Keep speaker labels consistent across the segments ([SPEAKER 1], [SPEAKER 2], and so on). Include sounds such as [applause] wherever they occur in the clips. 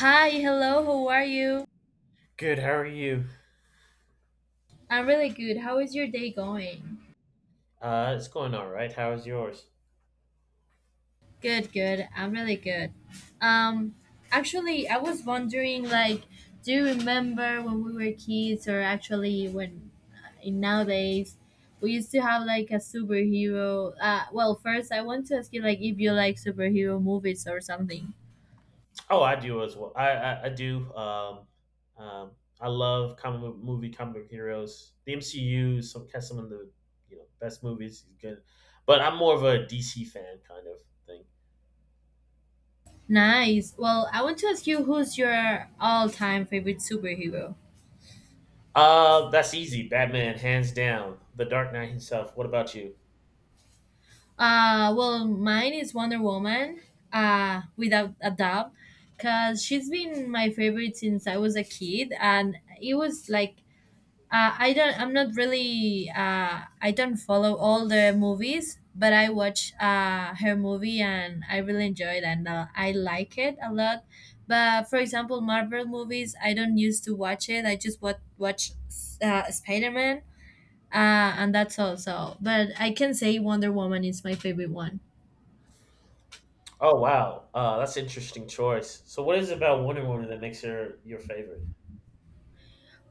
[SPEAKER 1] Hi, hello, how are you?
[SPEAKER 2] Good. How are you?
[SPEAKER 1] I'm really good. How is your day going?
[SPEAKER 2] It's going all right. How is yours?
[SPEAKER 1] Good, good. I'm really good. Um, actually, I was wondering, like, do you remember when we were kids, or actually when in nowadays we used to have like a superhero? Well, first I want to ask you, like, if you like superhero movies or something.
[SPEAKER 2] Oh, I do as well. I do. Um, I love movie comic book heroes. The MCU, some of the best movies is good, but I'm more of a DC fan kind of thing.
[SPEAKER 1] Nice. Well, I want to ask you, who's your all-time favorite superhero?
[SPEAKER 2] That's easy. Batman, hands down. The Dark Knight himself. What about you?
[SPEAKER 1] Well, mine is Wonder Woman, without a doubt, because she's been my favorite since I was a kid, and it was like I don't, I'm not really, I don't follow all the movies, but I watch her movie and I really enjoy it and I like it a lot. But for example, Marvel movies, I don't used to watch it. I just watch Spider Man, and that's all. So, but I can say Wonder Woman is my favorite one.
[SPEAKER 2] Oh wow, that's an interesting choice. So, what is it about Wonder Woman that makes her your favorite?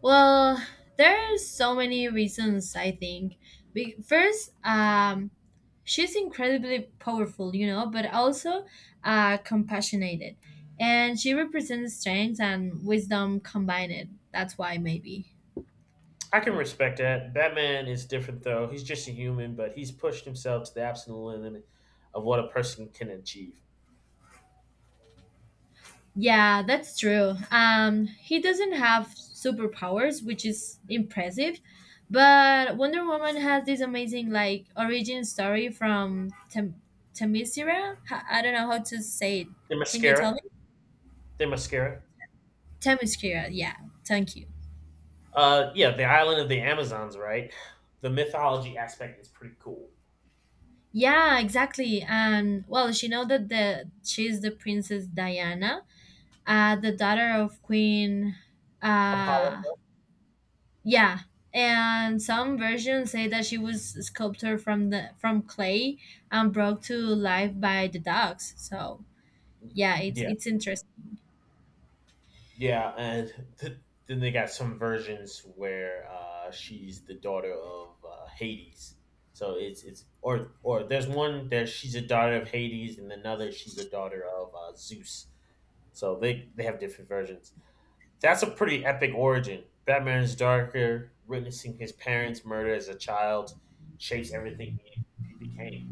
[SPEAKER 1] Well, there are so many reasons, I think. First, she's incredibly powerful, you know, but also compassionate. And she represents strength and wisdom combined. That's why, maybe.
[SPEAKER 2] I can respect that. Batman is different though. He's just a human, but he's pushed himself to the absolute limit of what a person can achieve.
[SPEAKER 1] Yeah, that's true. He doesn't have superpowers, which is impressive. But Wonder Woman has this amazing, like, origin story from Themyscira. I don't know how to say it.
[SPEAKER 2] The
[SPEAKER 1] Can you tell
[SPEAKER 2] mascara,
[SPEAKER 1] me?
[SPEAKER 2] the mascara.
[SPEAKER 1] Themyscira, yeah, thank you.
[SPEAKER 2] Yeah, the island of the Amazons, right? The mythology aspect is pretty cool.
[SPEAKER 1] Yeah, exactly. And well, she know that the she's the Princess Diana, the daughter of Queen. Uh,
[SPEAKER 2] Apollo,
[SPEAKER 1] yeah, and some versions say that she was sculpted from clay and brought to life by the dogs. So yeah, it's
[SPEAKER 2] yeah,
[SPEAKER 1] it's interesting.
[SPEAKER 2] yeah, and th- then they got some versions where she's the daughter of Hades. So it's or there's one that she's a daughter of Hades, and another she's a daughter of Zeus. So they have different versions. That's a pretty epic origin. Batman is darker. Witnessing his parents' murder as a child shapes everything he became.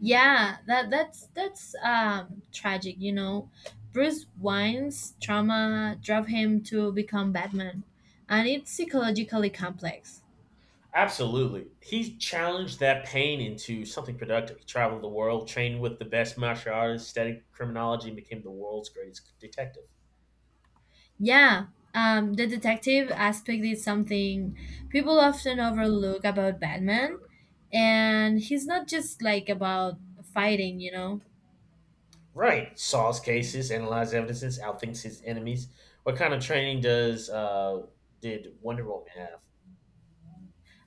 [SPEAKER 1] Yeah, that's tragic, you know. Bruce Wayne's trauma drove him to become Batman, and it's psychologically complex.
[SPEAKER 2] Absolutely, he challenged that pain into something productive. He traveled the world, trained with the best martial artists, studied criminology, and became the world's greatest detective.
[SPEAKER 1] Yeah, the detective aspect is something people often overlook about Batman, and he's not just like about fighting, you know.
[SPEAKER 2] Right, solves cases, analyzes evidences, outthinks his enemies. What kind of training does did Wonder Woman have?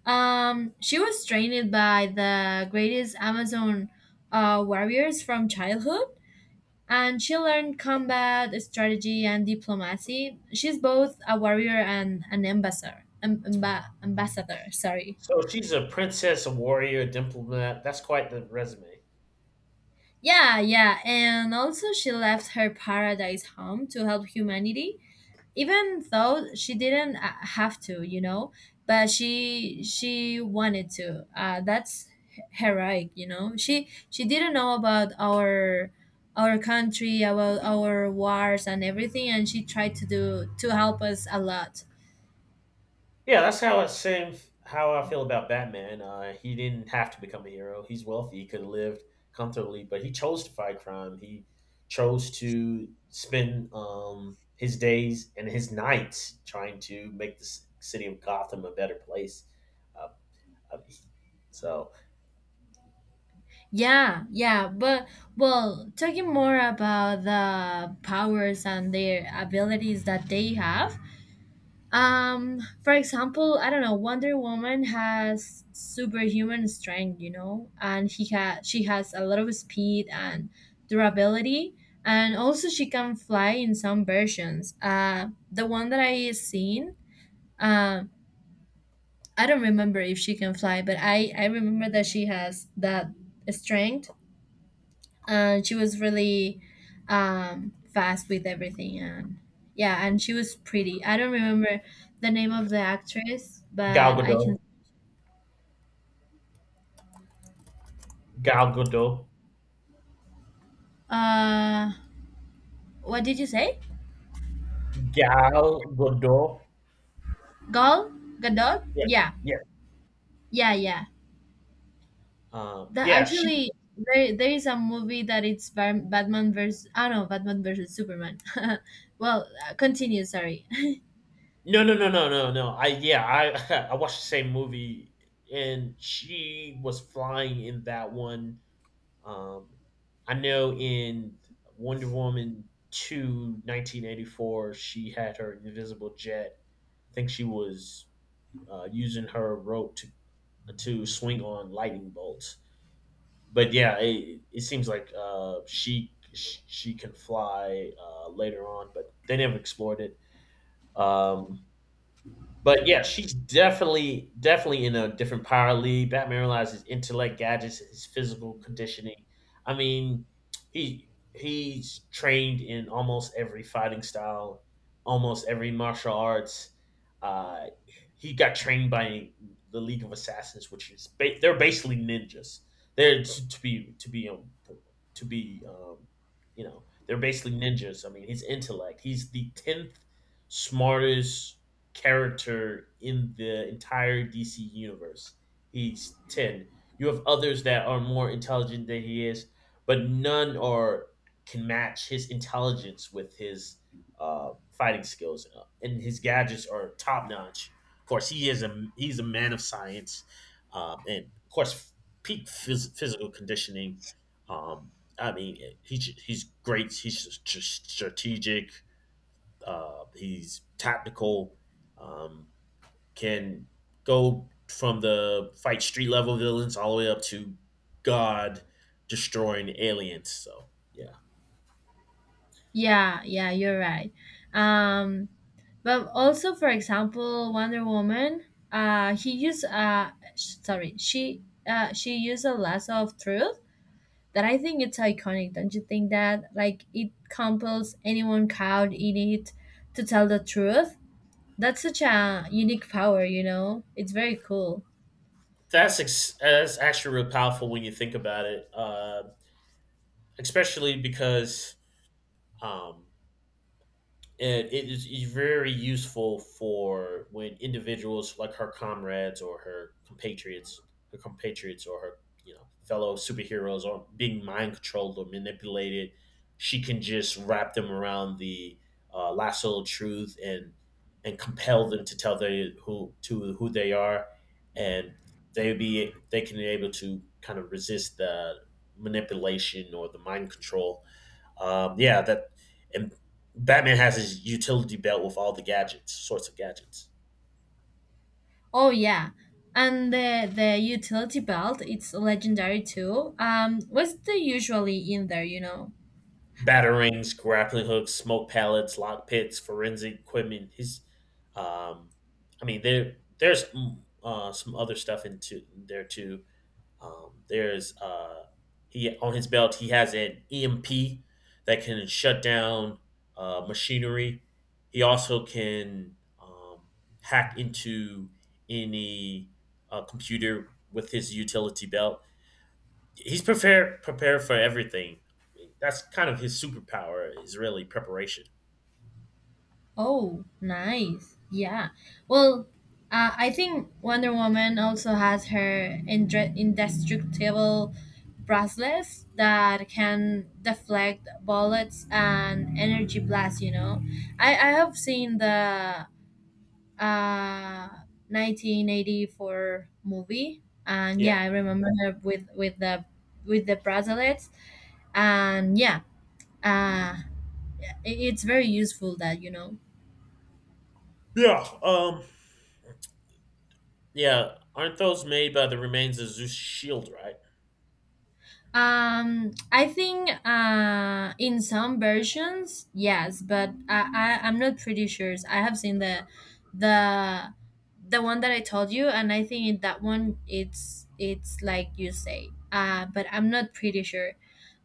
[SPEAKER 1] She was trained by the greatest Amazon warriors from childhood, and she learned combat strategy and diplomacy. She's both a warrior and an ambassador. Sorry.
[SPEAKER 2] So she's a princess, a warrior, a diplomat. That's quite the resume.
[SPEAKER 1] Yeah, yeah, and also she left her paradise home to help humanity, even though she didn't have to, you know. But she wanted to. That's heroic, you know. She didn't know about our country, about our wars and everything, and she tried to do to help us a lot.
[SPEAKER 2] Yeah, that's how it same how I feel about Batman. He didn't have to become a hero. He's wealthy. He could have lived comfortably, but he chose to fight crime. He chose to spend his days and his nights trying to make the city of Gotham a better place. Uh, uh, so
[SPEAKER 1] Yeah, yeah, but well, talking more about the powers and their abilities that they have. For example, I don't know, Wonder Woman has superhuman strength, you know, and he has she has a lot of speed and durability, and also she can fly in some versions. The one that I seen, uh, I don't remember if she can fly, but I remember that she has that strength, and she was really fast with everything. And yeah, and she was pretty, I don't remember the name of the actress,
[SPEAKER 2] Gal
[SPEAKER 1] but I
[SPEAKER 2] Gadot,
[SPEAKER 1] can
[SPEAKER 2] Gal Gadot,
[SPEAKER 1] uh what did you say?
[SPEAKER 2] Gal Gadot.
[SPEAKER 1] Gal Gadot.
[SPEAKER 2] Yeah,
[SPEAKER 1] Yeah,
[SPEAKER 2] yeah,
[SPEAKER 1] yeah, yeah, that
[SPEAKER 2] yeah. She
[SPEAKER 1] actually, there is a movie that it's Batman versus I, oh, no, Batman versus Superman. [laughs] Well, continue, sorry.
[SPEAKER 2] no, no, no, no, no, no. I yeah, I [laughs] I watched the same movie, and she was flying in that one. Um, I know in Wonder Woman 2, 1984, she had her invisible jet. I think she was using her rope to swing on lightning bolts. But yeah, it seems like she can fly later on, but they never explored it. Um, But yeah, she's definitely in a different power league. Batman realizes his intellect, gadgets, his physical conditioning. I mean, he's trained in almost every fighting style, almost every martial arts. Uh, he got trained by the League of Assassins, which is they're basically ninjas. They're to be to be to be they're basically ninjas. I mean, his intellect. He's the tenth smartest character in the entire DC universe. He's 10. You have others that are more intelligent than he is, but none are can match his intelligence with his fighting skills, and his gadgets are top notch. Of course, he's a man of science, and of course, peak physical conditioning. Um, I mean, he's great. He's strategic. He's tactical. Um, can go from the fight street level villains all the way up to God destroying aliens. Yeah,
[SPEAKER 1] [laughs] Yeah, yeah, you're right. um But also, for example, Wonder Woman, uh, he used uh, sorry, she used a lasso of truth that I think it's iconic. Don't you think that like it compels anyone caught in it to tell the truth? That's such a unique power, you know. It's very cool.
[SPEAKER 2] that's actually real powerful when you think about it, especially because um, and it is very useful for when individuals like her comrades or her compatriots or her fellow superheroes are being mind controlled or manipulated. She can just wrap them around the lasso of truth and compel them to tell they who to who they are, and they can be able to kind of resist the manipulation or the mind control. Yeah, that and Batman has his utility belt with all the gadgets, sorts of gadgets,
[SPEAKER 1] Oh yeah, and the utility belt, it's legendary too. What's the usually in there, you know?
[SPEAKER 2] batarangs, grappling hooks, smoke pellets, lock pits, forensic equipment. Um, I mean, there's some other stuff into there too. There's He on his belt. He has an EMP that can shut down machinery. He also can hack into any computer with his utility belt. He's prepared for everything. That's kind of his superpower is really preparation.
[SPEAKER 1] Oh, nice. Yeah. Well, I think Wonder Woman also has her indestructible bracelets that can deflect bullets and energy blasts, you know. I have seen the uh, 1984 movie, and
[SPEAKER 2] Yeah.
[SPEAKER 1] yeah, I remember her with the bracelets, and yeah, uh, it's very useful that, you know.
[SPEAKER 2] Yeah. Yeah. Aren't those made by the remains of Zeus' shield, right?
[SPEAKER 1] I think in some versions, yes, but I'm not pretty sure. I have seen the the one that I told you, and I think in that one it's like you say. But I'm not pretty sure.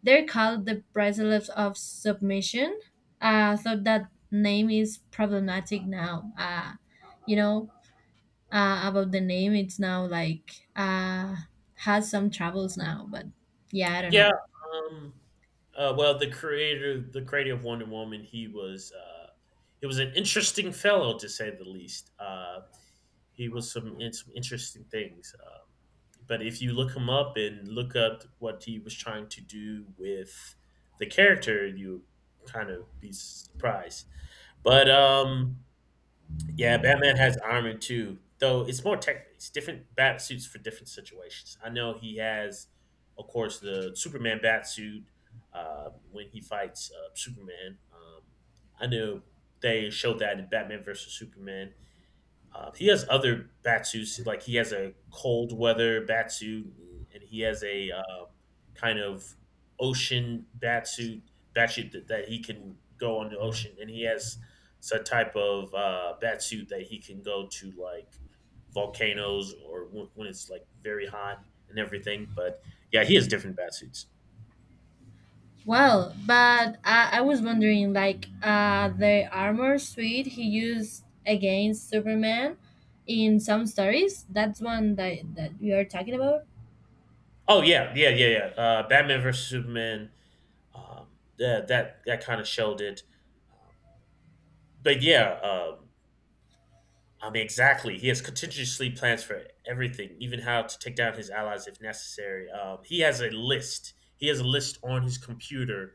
[SPEAKER 1] They're called the bracelets of submission. So that name is problematic now. You know, about the name, it's now like has some troubles now, but yeah, I don't
[SPEAKER 2] Yeah,
[SPEAKER 1] know.
[SPEAKER 2] um, well, the creator of Wonder Woman, he was an interesting fellow to say the least. He was some in some interesting things. But if you look him up and look up what he was trying to do with the character, you kind of be surprised. But yeah, Batman has armor too, though it's more tech it's different bat suits for different situations. I know he has, of course, the Superman bat suit when he fights Superman. I know they showed that in Batman versus Superman. He has other batsuits, like he has a cold weather batsuit, and he has a kind of ocean batsuit that he can go on the ocean, and he has some type of batsuit that he can go to like volcanoes or when it's like very hot and everything. But yeah, he has different batsuits.
[SPEAKER 1] Well, but I was wondering, like, the armor suit he used against Superman in some stories, that's one that we are talking about.
[SPEAKER 2] Oh yeah. Batman versus Superman. Yeah, that kind of showed it. Um, but yeah, um, I mean, exactly. He has contingency plans for everything, even how to take down his allies if necessary. He has a list. He has a list on his computer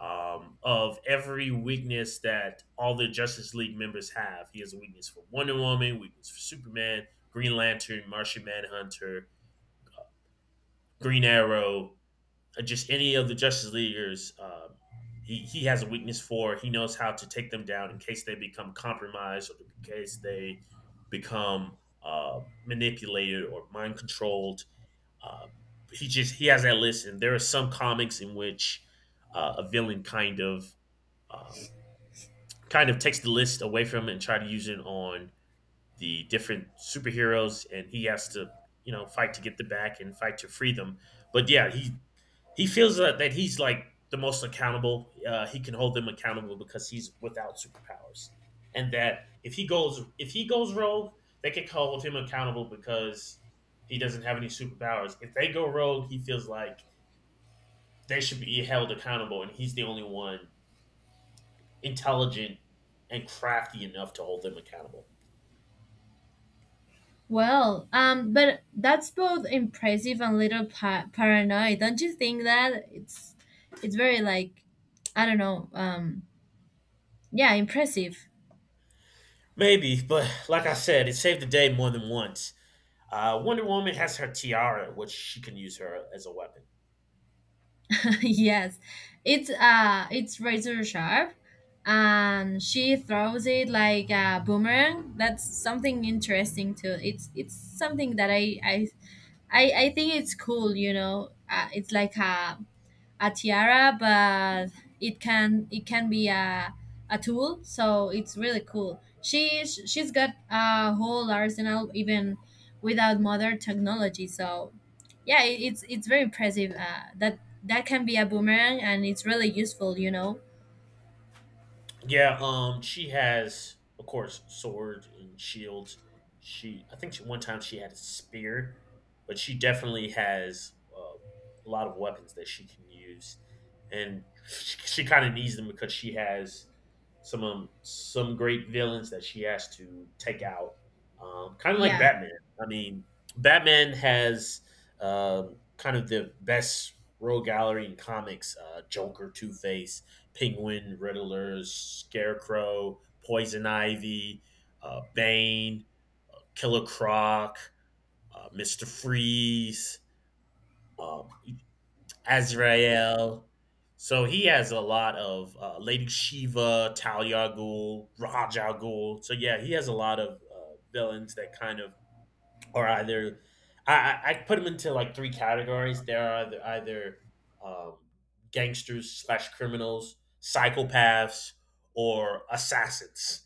[SPEAKER 2] of every weakness that all the Justice League members have. He has a weakness for Wonder Woman, weakness for Superman, Green Lantern, Martian Manhunter, Green Arrow, just any of the Justice Leaguers, he has a weakness for. He knows how to take them down in case they become compromised or in case they become manipulated or mind controlled. Uh, he has that list, and there are some comics in which a villain uh, kind of takes the list away from it and try to use it on the different superheroes, and he has to fight to get the back and fight to free them. But yeah, he feels that he's like the most accountable. He can hold them accountable because he's without superpowers, and that if he goes rogue, they can hold him accountable because he doesn't have any superpowers. If they go rogue, he feels like they should be held accountable, and he's the only one intelligent and crafty enough to hold them accountable.
[SPEAKER 1] Well, but that's both impressive and little paranoid, don't you think that it's very, like, I don't know, yeah, impressive.
[SPEAKER 2] Maybe, but like I said, it saved the day more than once. Wonder Woman has her tiara, which she can use her as a weapon.
[SPEAKER 1] [laughs] Yes, it's razor sharp, and she throws it like a boomerang. That's something interesting too. It's something that I think it's cool. You know, it's like a tiara, but it can be a tool. So it's really cool. She's got a whole arsenal even without modern technology. So yeah, it's very impressive. That can be a boomerang, and it's really useful, you know.
[SPEAKER 2] Yeah, she has, of course, swords and shields. She, one time she had a spear, but she definitely has a lot of weapons that she can use, and she kind of needs them because she has some great villains that she has to take out. Kind of like
[SPEAKER 1] Yeah.
[SPEAKER 2] Batman. I mean, Batman has kind of the best rogue gallery in comics. Joker, Two Face, Penguin, Riddlers, Scarecrow, Poison Ivy, Bane, Killer Croc, Mister Freeze, um, Azrael. So he has a lot of Lady Shiva, Talia Al Ghul, Raj Al Ghul. So yeah, he has a lot of villains that kind of or either I put them into like 3 categories. There are either um, gangsters slash criminals, psychopaths, or assassins,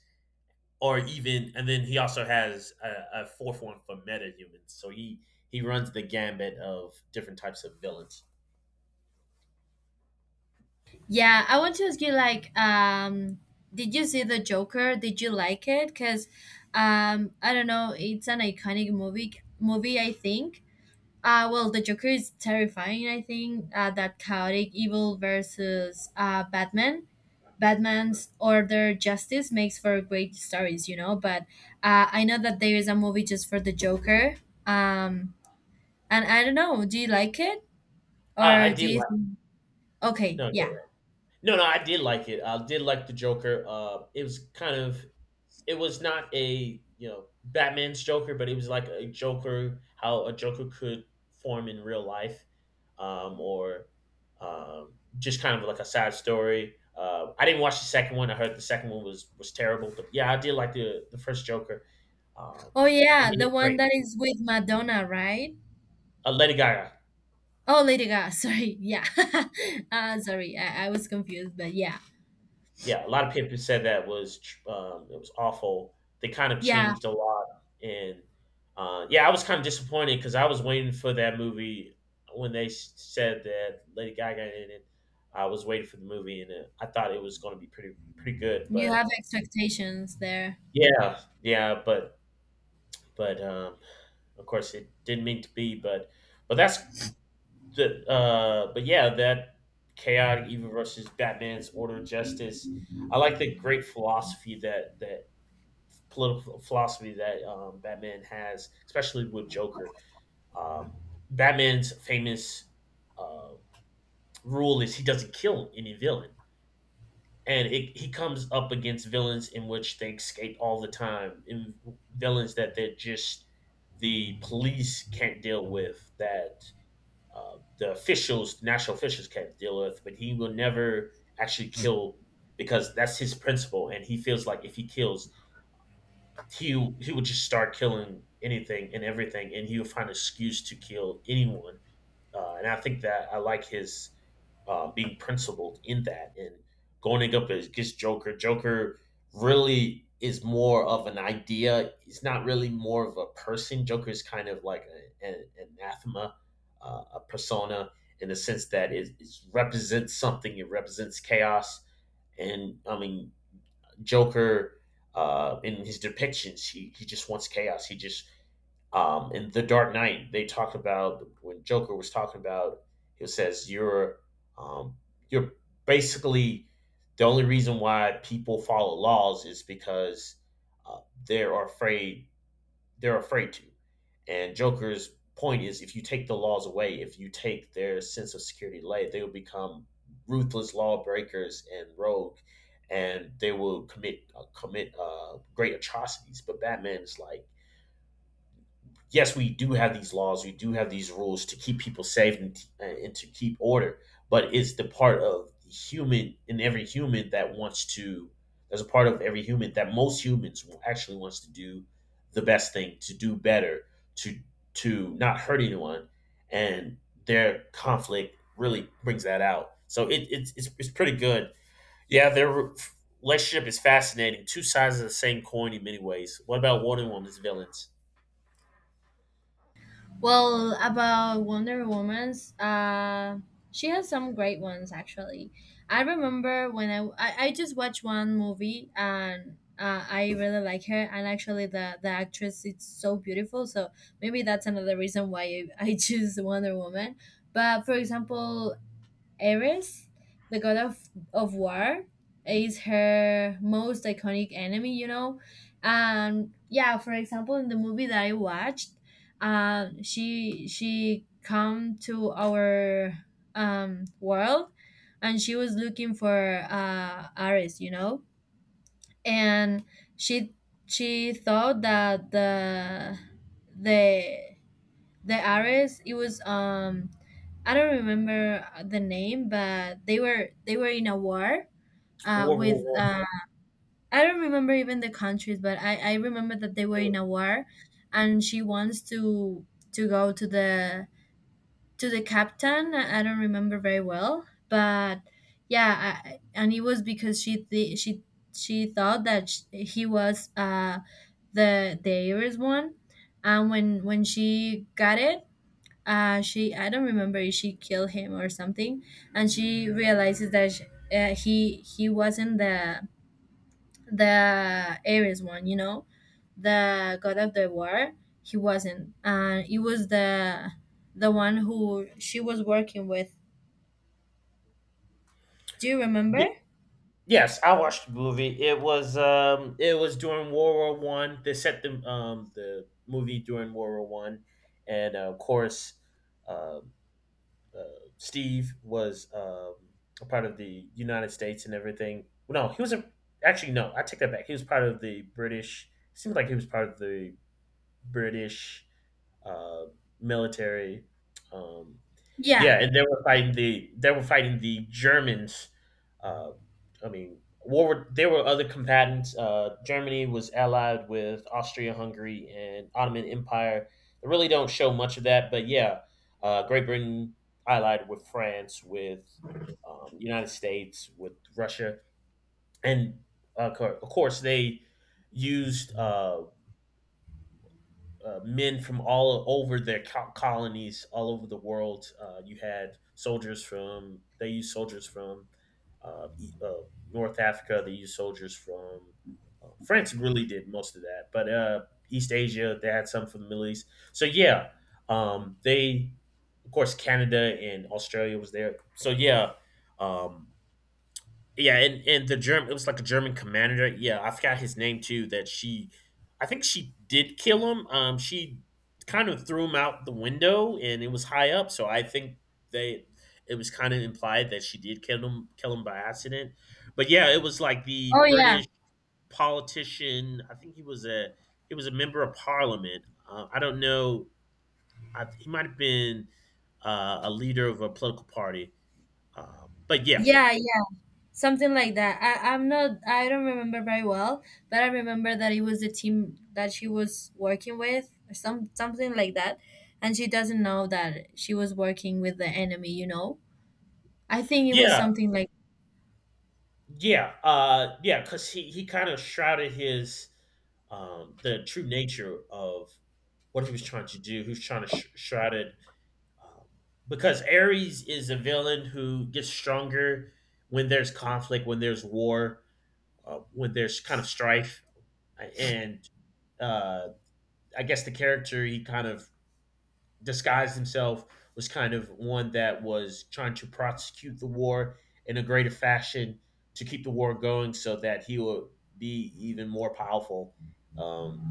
[SPEAKER 2] or even and then he also has a fourth one for metahumans. So he runs the gambit of different types of villains.
[SPEAKER 1] Yeah, I want to ask you, like, did you see the Joker? Did you like it? Cuz I don't know, it's an iconic movie I think. Well, the Joker is terrifying, I think. That chaotic evil versus Batman. Batman's Order Justice makes for great stories, you know, but I know that there is a movie just for the Joker. Um, and I don't know, do you like it?
[SPEAKER 2] I
[SPEAKER 1] Or do
[SPEAKER 2] did
[SPEAKER 1] you
[SPEAKER 2] like
[SPEAKER 1] think. Okay,
[SPEAKER 2] no,
[SPEAKER 1] yeah.
[SPEAKER 2] no I did like it. I did like the Joker. It was kind of it was not a Batman's Joker, but it was like a Joker how a Joker could form in real life, or um, just kind of like a sad story. I didn't watch the second one. I heard the second one was terrible, but yeah, I did like the first Joker. Um,
[SPEAKER 1] Oh,
[SPEAKER 2] I
[SPEAKER 1] yeah,
[SPEAKER 2] mean,
[SPEAKER 1] the
[SPEAKER 2] it's
[SPEAKER 1] one
[SPEAKER 2] great.
[SPEAKER 1] that is with Madonna, right?
[SPEAKER 2] Lady Gaga.
[SPEAKER 1] Oh, Lady Gaga, [laughs] sorry. Yeah. [laughs] Sorry, I was confused, but yeah.
[SPEAKER 2] Yeah, a lot of people said that was it was awful. They kind of
[SPEAKER 1] Yeah,
[SPEAKER 2] changed a lot, and yeah, I was kind of disappointed because I was waiting for that movie when they said that Lady Gaga in it. I was waiting for the movie, and I thought it was going to be pretty good.
[SPEAKER 1] you have
[SPEAKER 2] But
[SPEAKER 1] expectations there.
[SPEAKER 2] yeah, yeah, but of course it didn't mean to be. But that's but yeah, that chaotic evil versus Batman's Order of Justice. I like the great philosophy that political philosophy that Batman has, especially with Joker. Um, Batman's famous uh, rule is he doesn't kill any villain, and he comes up against villains in which they escape all the time, in villains that they're just the police can't deal with, that the officials, national officials can't deal with, but he will never actually kill because that's his principle, and he feels like if he kills, he would just start killing anything and everything, and he would find an excuse to kill anyone. And I think that I like his being principled in that and going up against Joker. Joker really is more of an idea. He's not really more of a person. Joker is kind of like an anathema, a persona in the sense that it represents something. It represents chaos, and I mean Joker in his depictions, he just wants chaos. He just in the Dark Knight, they talked about when Joker was talking about. He says um, you're basically the only reason why people follow laws is because uh, they're afraid they're afraid to. And Joker's point is if you take the laws away, if you take their sense of security away, they will become ruthless lawbreakers and rogue and they will commit commit great atrocities. But Batman is like, yes, we do have these laws, we do have these rules to keep people safe and to keep order, but it's the part of the human in every human that wants to, there's a part of every human that most humans actually wants to do the best thing, to do better, to to not hurt anyone, and their conflict really brings that out. So it's pretty good. Yeah, their relationship is fascinating. Two sides of the same coin in many ways. What about Wonder Woman's villains?
[SPEAKER 1] Well, about Wonder Woman's, she has some great ones actually. I remember when I just watched one movie, and I really like her, and actually the actress is so beautiful. So maybe that's another reason why I [laughs] I choose Wonder Woman. But for example, Ares, the god of war, is her most iconic enemy, you know? And yeah, for example, in the movie that I watched, she come to our world, and she was looking for Ares, you know? And she she thought that the the artist it was, I don't remember the name, but they were in a war
[SPEAKER 2] World War
[SPEAKER 1] with,
[SPEAKER 2] One.
[SPEAKER 1] I don't remember even the countries, but I remember that they were in a war, and she wants to go to the, captain, I don't remember very well, but yeah, I, and it was because she th- she thought that sh he was, the, heiress one, and when she got it, she I don't remember if she killed him or something, and she realizes that sh he wasn't the Ares one, you know, the god of the war. He wasn't. He was the one who she was working with. Do you remember?
[SPEAKER 2] Y- Yes, I watched the movie. It was during World War One. They set the movie during World War One, and uh, Steve was a part of the United States and everything. No, he was actually no. I take that back. He was part of the British. Seems like he was part of the British uh, military. Um,
[SPEAKER 1] Yeah.
[SPEAKER 2] Yeah, and they were fighting the Germans. Uh, I mean, war. There were other combatants. Germany was allied with Austria Hungary and Ottoman Empire. They really don't show much of that, but yeah, Great Britain allied with France, with United States, with Russia, and of course they used men from all over their colonies, all over the world. You had soldiers from they used soldiers from uh, E- uh, North Africa. They used soldiers from France. Really did most of that, but East Asia they had some from the Middle East. So yeah, they of course Canada and Australia was there. So yeah, um, yeah, and the German it was like a German commander. Yeah, I forgot his name too. I think she did kill him. She kind of threw him out the window, and it was high up. So I think they it was kind of implied that she did kill him, by accident. But yeah, it was like the
[SPEAKER 1] Oh yeah.
[SPEAKER 2] British politician. I think he was a member of Parliament. I don't know. He might have been a leader of a political party. But yeah,
[SPEAKER 1] Yeah. Yeah. Something like that. I'm not, I don't remember very well, but I remember that it was the team that she was working with, or something like that, and she doesn't know that she was working with the enemy. You know, I think it was
[SPEAKER 2] yeah,
[SPEAKER 1] something like,
[SPEAKER 2] Yeah, yeah, because he kind of shrouded his the true nature of what he was trying to do. He was trying to shroud it um, because Ares is a villain who gets stronger when there's conflict, when there's war, when there's kind of strife, and uh, I guess the character he kind of disguised himself was kind of one that was trying to prosecute the war in a greater fashion to keep the war going so that he would be even more powerful. Um,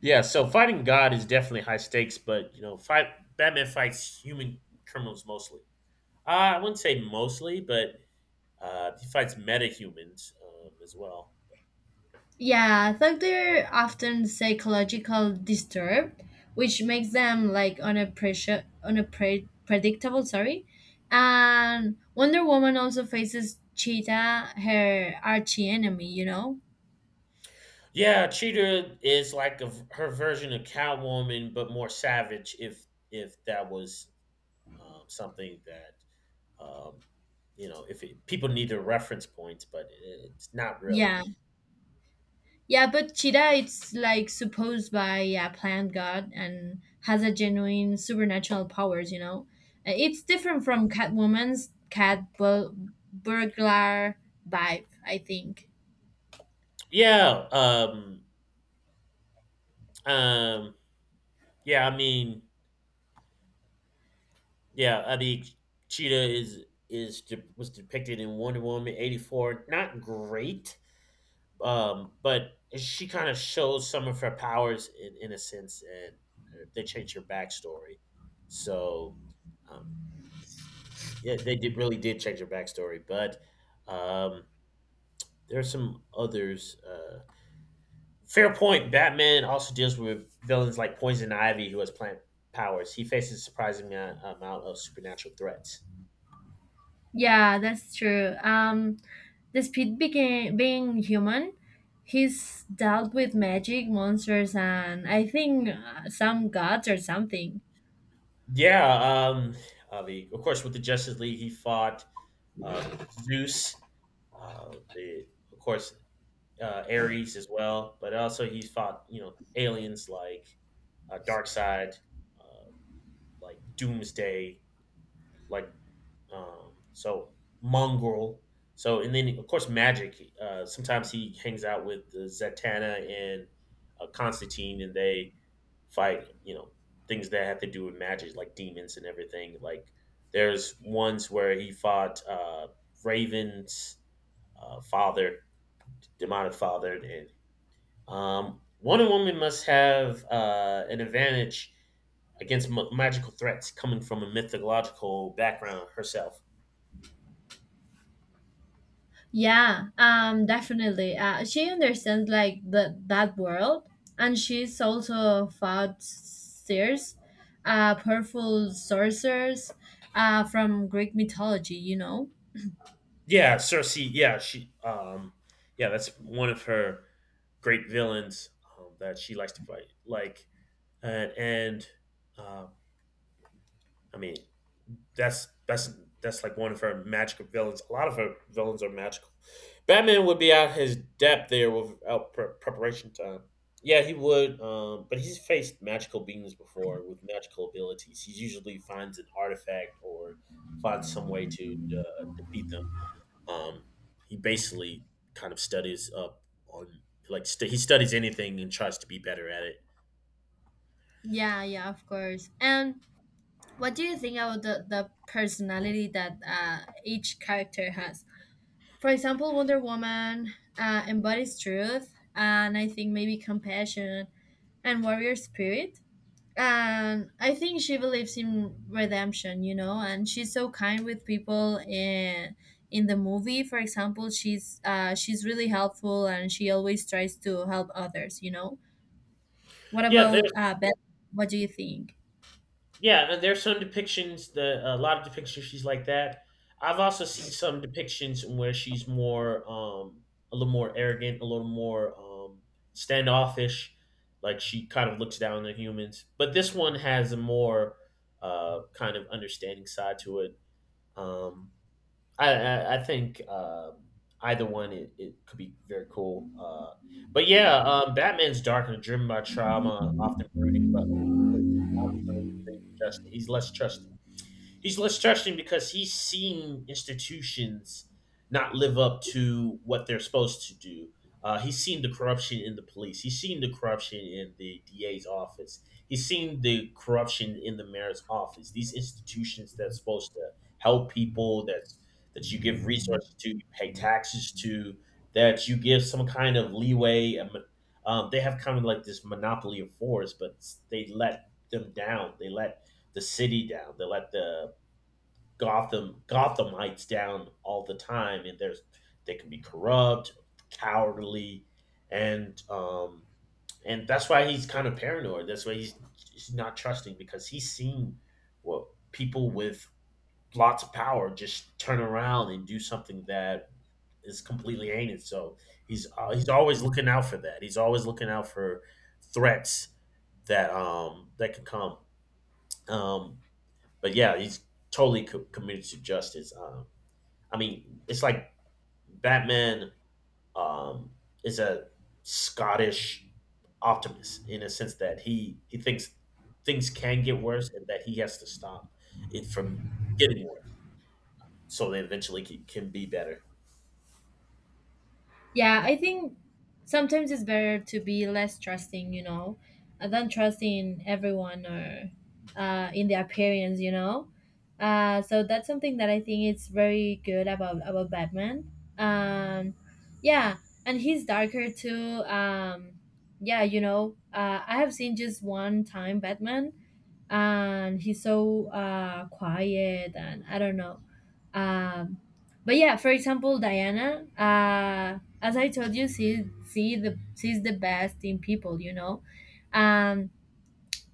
[SPEAKER 2] yeah, so fighting God is definitely high stakes, but you know, fight Batman fights human criminals mostly. Uh, I wouldn't say mostly, but he fights metahumans as well.
[SPEAKER 1] yeah. I think they're often psychological disturbed, which makes them like on a pressure on a predictable. Sorry, and Wonder Woman also faces Cheetah, her archie enemy, you know.
[SPEAKER 2] Yeah, Cheetah is like her version of Catwoman, but more savage. If that was something that um, you know if it, people need the reference points, but it's not really.
[SPEAKER 1] Yeah. Yeah, but Cheetah it's like supposed by a plant god and has a genuine supernatural powers, you know. It's different from Catwoman's cat burglar vibe, I think.
[SPEAKER 2] Yeah, um, um, yeah. I mean, yeah. I mean, Cheetah is was depicted in Wonder Woman eighty four. Not great, but she kind of shows some of her powers in a sense, and they changed her backstory. So, um, yeah, they did really did change her backstory, but um, there are some others. Fair point. Batman also deals with villains like Poison Ivy, who has plant powers. He faces a surprising amount of supernatural threats.
[SPEAKER 1] Yeah, that's true. Despite became being human, he's dealt with magic, monsters, and I think some gods or something.
[SPEAKER 2] Yeah, um, Avi. Of course, with the Justice League, he fought uh, Zeus. Of course, Ares as well, but also he fought you know aliens like Darkseid, uh, like Doomsday, like Um, so mongrel. So and then of course magic. Sometimes he hangs out with Zatanna and Constantine, and they fight. You know things that have to do with magic, like demons and everything. Like there's ones where he fought Raven's father, demonic father, and Wonder Woman must have an advantage against magical threats coming from a mythological background herself.
[SPEAKER 1] Yeah, definitely. She understands like the that world, and she's also fought seers, powerful sorcerers, from Greek mythology. You know.
[SPEAKER 2] Yeah, Cersei. Yeah, she. Yeah, that's one of her great villains that she likes to fight. Like, and uh, I mean, that's that's that's like one of her magical villains. A lot of her villains are magical. Batman would be out his depth there without preparation time. Yeah, he would. But he's faced magical beings before with magical abilities. He usually finds an artifact or finds some way to defeat them. Um, he basically kind of studies up on like he studies anything and tries to be better at it.
[SPEAKER 1] Yeah, yeah, of course. And what do you think about the personality that each character has? For example, Wonder Woman embodies truth, and I think maybe compassion and warrior spirit, and I think she believes in redemption, you know, and she's so kind with people in the movie. For example, she's really helpful, and she always tries to help others, you know. What
[SPEAKER 2] Yeah,
[SPEAKER 1] about
[SPEAKER 2] there's
[SPEAKER 1] Beth? What do you think?
[SPEAKER 2] yeah, and there's some depictions The a lot of depictions she's like that. I've also seen some depictions where she's more a little more arrogant, a little more standoffish, like she kind of looks down on humans. But this one has a more kind of understanding side to it. Um I think either one it could be very cool. But yeah, Batman's dark and driven by trauma, often brooding, but ultimately just he's less trusting because he's seen institutions not live up to what they're supposed to do. He's seen the corruption in the police. He's seen the corruption in the DA's office. He's seen the corruption in the mayor's office. These institutions that's supposed to help people, that you give resources to, you pay taxes to, that you give some kind of leeway. They have kind of like this monopoly of force, but they let them down. They let the city down. They let the Gotham Gothamites down all the time, and there's they can be corrupt, cowardly, and um, and that's why he's kind of paranoid. That's why he's not trusting because he's seen what people with lots of power just turn around and do something that is completely heinous. So he's always looking out for that. He's always looking out for threats that that can come. Um, but yeah, he's totally committed to justice. I mean, it's like Batman um, is a Scottish optimist in a sense that he thinks things can get worse and that he has to stop it from getting worse so they eventually can be better.
[SPEAKER 1] Yeah, I think sometimes it's better to be less trusting, you know, than trusting in everyone or in the appearance, you know. So that's something that I think it's very good about Batman. Um, yeah, and he's darker too. Yeah, you know, I have seen just one time Batman, and he's so quiet, and I don't know. Um, but yeah, for example, Diana, as I told you, she's the best in people, you know. Um,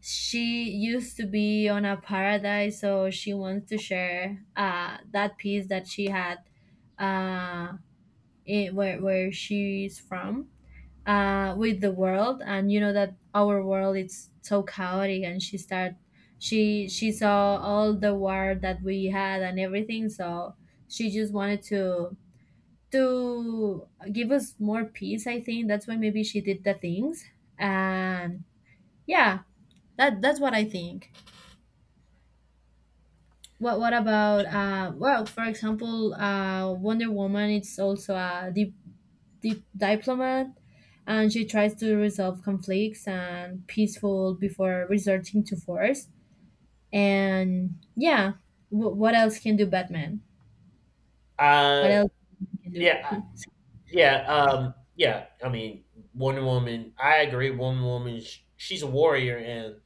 [SPEAKER 1] she used to be on a paradise, so she wants to share that piece that she had uh, in where she's from with the world, and you know that our world is so chaotic, and she saw all the war that we had and everything. So she just wanted to to give us more peace. I think that's why maybe she did the things. And yeah, that's what I think. What about for example, Wonder Woman, it's also a deep diplomat, and she tries to resolve conflicts and peaceful before resorting to force. And yeah, what else can do Batman? What
[SPEAKER 2] Uh,
[SPEAKER 1] else can do?
[SPEAKER 2] yeah, I-
[SPEAKER 1] [laughs]
[SPEAKER 2] yeah. I mean, Wonder Woman. I agree. Wonder Woman. She's a warrior, and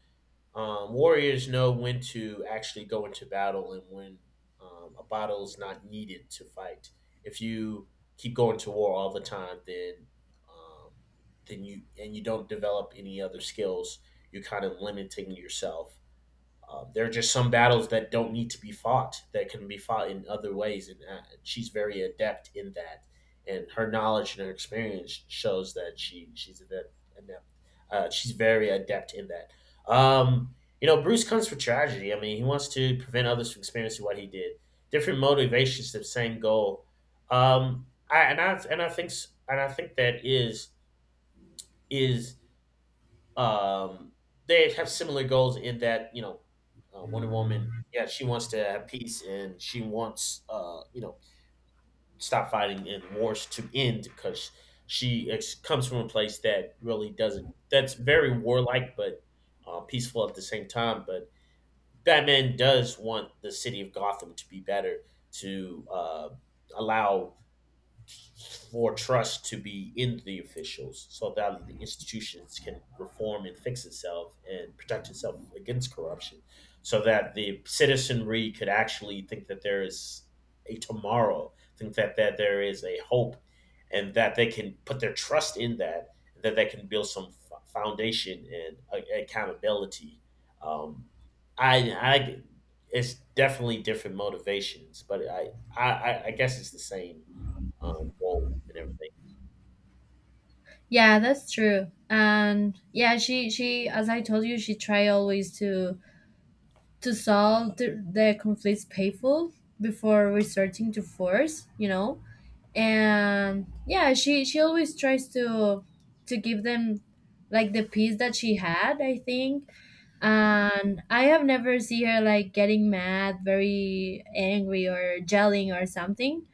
[SPEAKER 2] Warriors know when to actually go into battle and when a battle is not needed to fight. If you keep going to war all the time, then um, you and you don't develop any other skills. You're kind of limiting yourself there are just some battles that don't need to be fought that can be fought in other ways, and she's very adept in that. And her knowledge and her experience shows that she's adept. She's very adept in that. Um, you know, Bruce comes for tragedy. I mean, he wants to prevent others from experiencing what he did. Different motivations, the same goal. I, and I and I think that is um, they have similar goals in that you know, Wonder Woman. Yeah, she wants to have peace and she wants you know stop fighting and wars to end because she comes from a place that really doesn't. That's very warlike, but peaceful at the same time. But Batman does want the city of Gotham to be better to allow for trust to be in the officials so that the institutions can reform and fix itself and protect itself against corruption so that the citizenry could actually think that there is a tomorrow think that there is a hope and that they can put their trust in that that they can build some foundation and accountability um, I it's definitely different motivations but I guess it's the same goal and everything.
[SPEAKER 1] Yeah, that's true. And yeah, she as I told you, she try always to solve the conflicts painful before resorting to force, you know. And yeah, she always tries to give them like the peace that she had, I think. And I have never seen her like getting mad, very angry or yelling or something.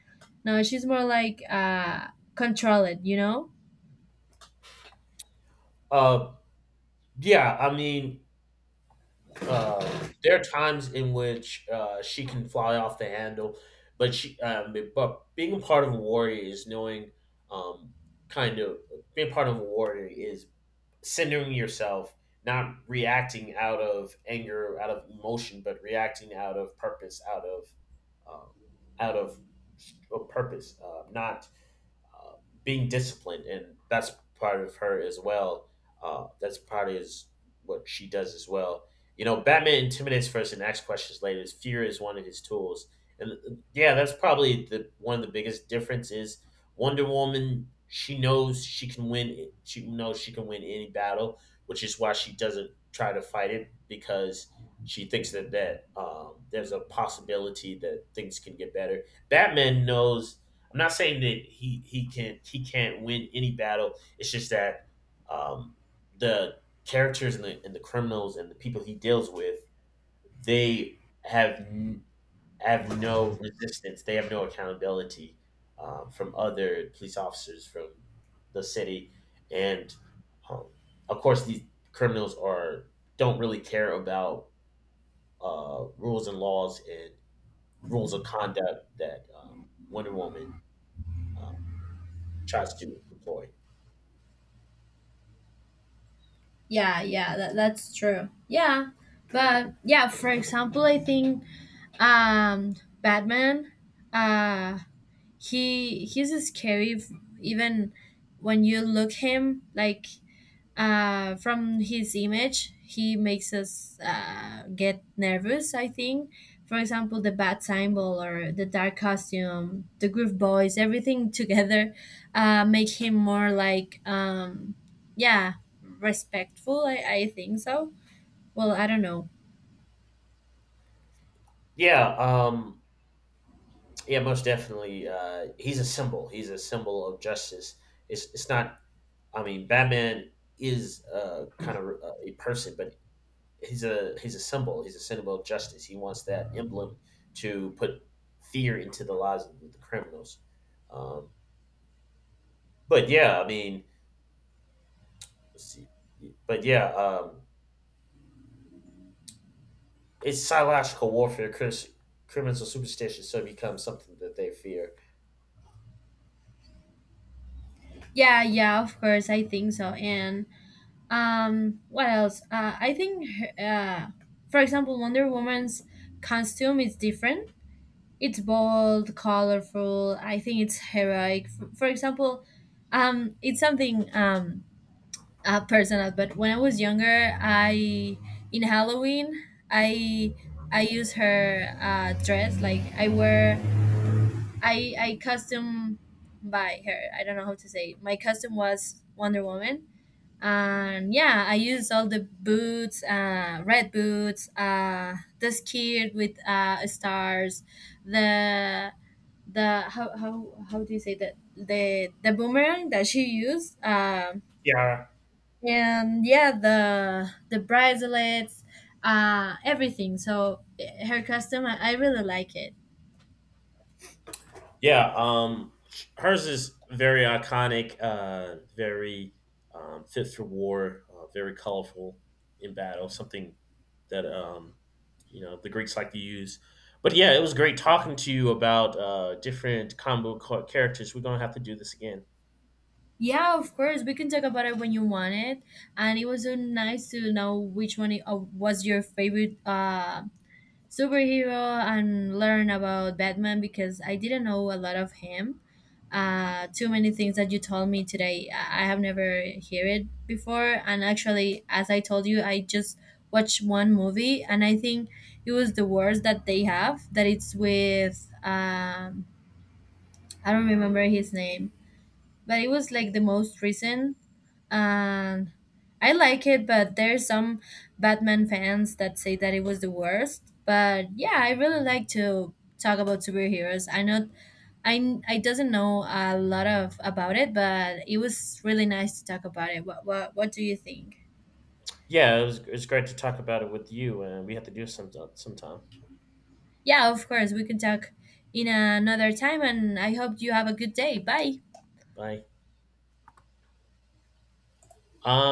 [SPEAKER 1] No, she's more like control it, you know.
[SPEAKER 2] Uh, yeah, I mean, uh, there are times in which she can fly off the handle, but but being a part of a warrior is knowing, um, kind of being part of a warrior is centering yourself, not reacting out of anger, out of emotion, but reacting out of purpose, out of, uh, out of purpose, not uh, being disciplined, and that's part of her as well. That's part of is what she does as well. You know, Batman intimidates first and asks questions later. His fear is one of his tools, and yeah, that's probably the one of the biggest difference is Wonder Woman. She knows she can win. She knows she can win any battle, which is why she doesn't try to fight it because she thinks that there's a possibility that things can get better. Batman knows I'm not saying that he can't win any battle. It's just that um, the characters and the criminals and the people he deals with, they have n- have no resistance. They have no accountability from other police officers from the city, and um, of course these criminals are don't really care about rules and laws and rules of conduct that Wonder Woman um, tries to employ.
[SPEAKER 1] Yeah, yeah, that's true. Yeah, but yeah, for example, I think um Batman, uh he's scary even when you look him like from his image, he makes us get nervous, I think. For example, the bat symbol or the dark costume, the groove boys, everything [laughs] together make him more like yeah respectful, I think so. Well, I don't know.
[SPEAKER 2] Yeah, yeah, most definitely. He's a symbol. He's a symbol of justice. It's not. I mean, Batman is kind of a person, but he's a symbol. He's a symbol of justice. He wants that emblem to put fear into the lives of the criminals. Um, but yeah, I mean, let's see. but yeah, um, it's psychological warfare. Criminals are superstitious, so it becomes something that they fear.
[SPEAKER 1] Yeah, yeah, of course, I think so. And what else, I think uh for example, Wonder Woman's costume is different. It's bold, colorful. I think it's heroic for example. It's something personal. But when I was younger, I in Halloween, I use her dress, like I wear, I costume by her, I don't know how to say. My costume was Wonder Woman. And yeah, I used all the boots, red boots, the skirt with stars, the the how do you say that, the boomerang that she used,
[SPEAKER 2] Yeah.
[SPEAKER 1] and yeah, the bracelets, everything. So her custom, I really like it.
[SPEAKER 2] Yeah, hers is very iconic, very fit for war, very colorful in battle. Something that you know the Greeks like to use. But yeah, it was great talking to you about different characters. We're gonna have to do this again.
[SPEAKER 1] Yeah, of course, we can talk about it when you want it. And it was so nice to know which one was your favorite superhero and learn about Batman, because I didn't know a lot of him. Too many things that you told me today, I have never heard it before. And actually, as I told you, I just watched one movie, and I think it was the worst that they have. That it's with um, I don't remember his name, but it was like the most recent. And I like it, but there's some Batman fans that say that it was the worst. But yeah, I really like to talk about superheroes. I know I doesn't know a lot of about it, but it was really nice to talk about it. What do you think?
[SPEAKER 2] Yeah, it's great to talk about it with you, and we have to do sometime.
[SPEAKER 1] Yeah, of course, we can talk in another time, and I hope you have a good day. Bye.
[SPEAKER 2] Bye. Um,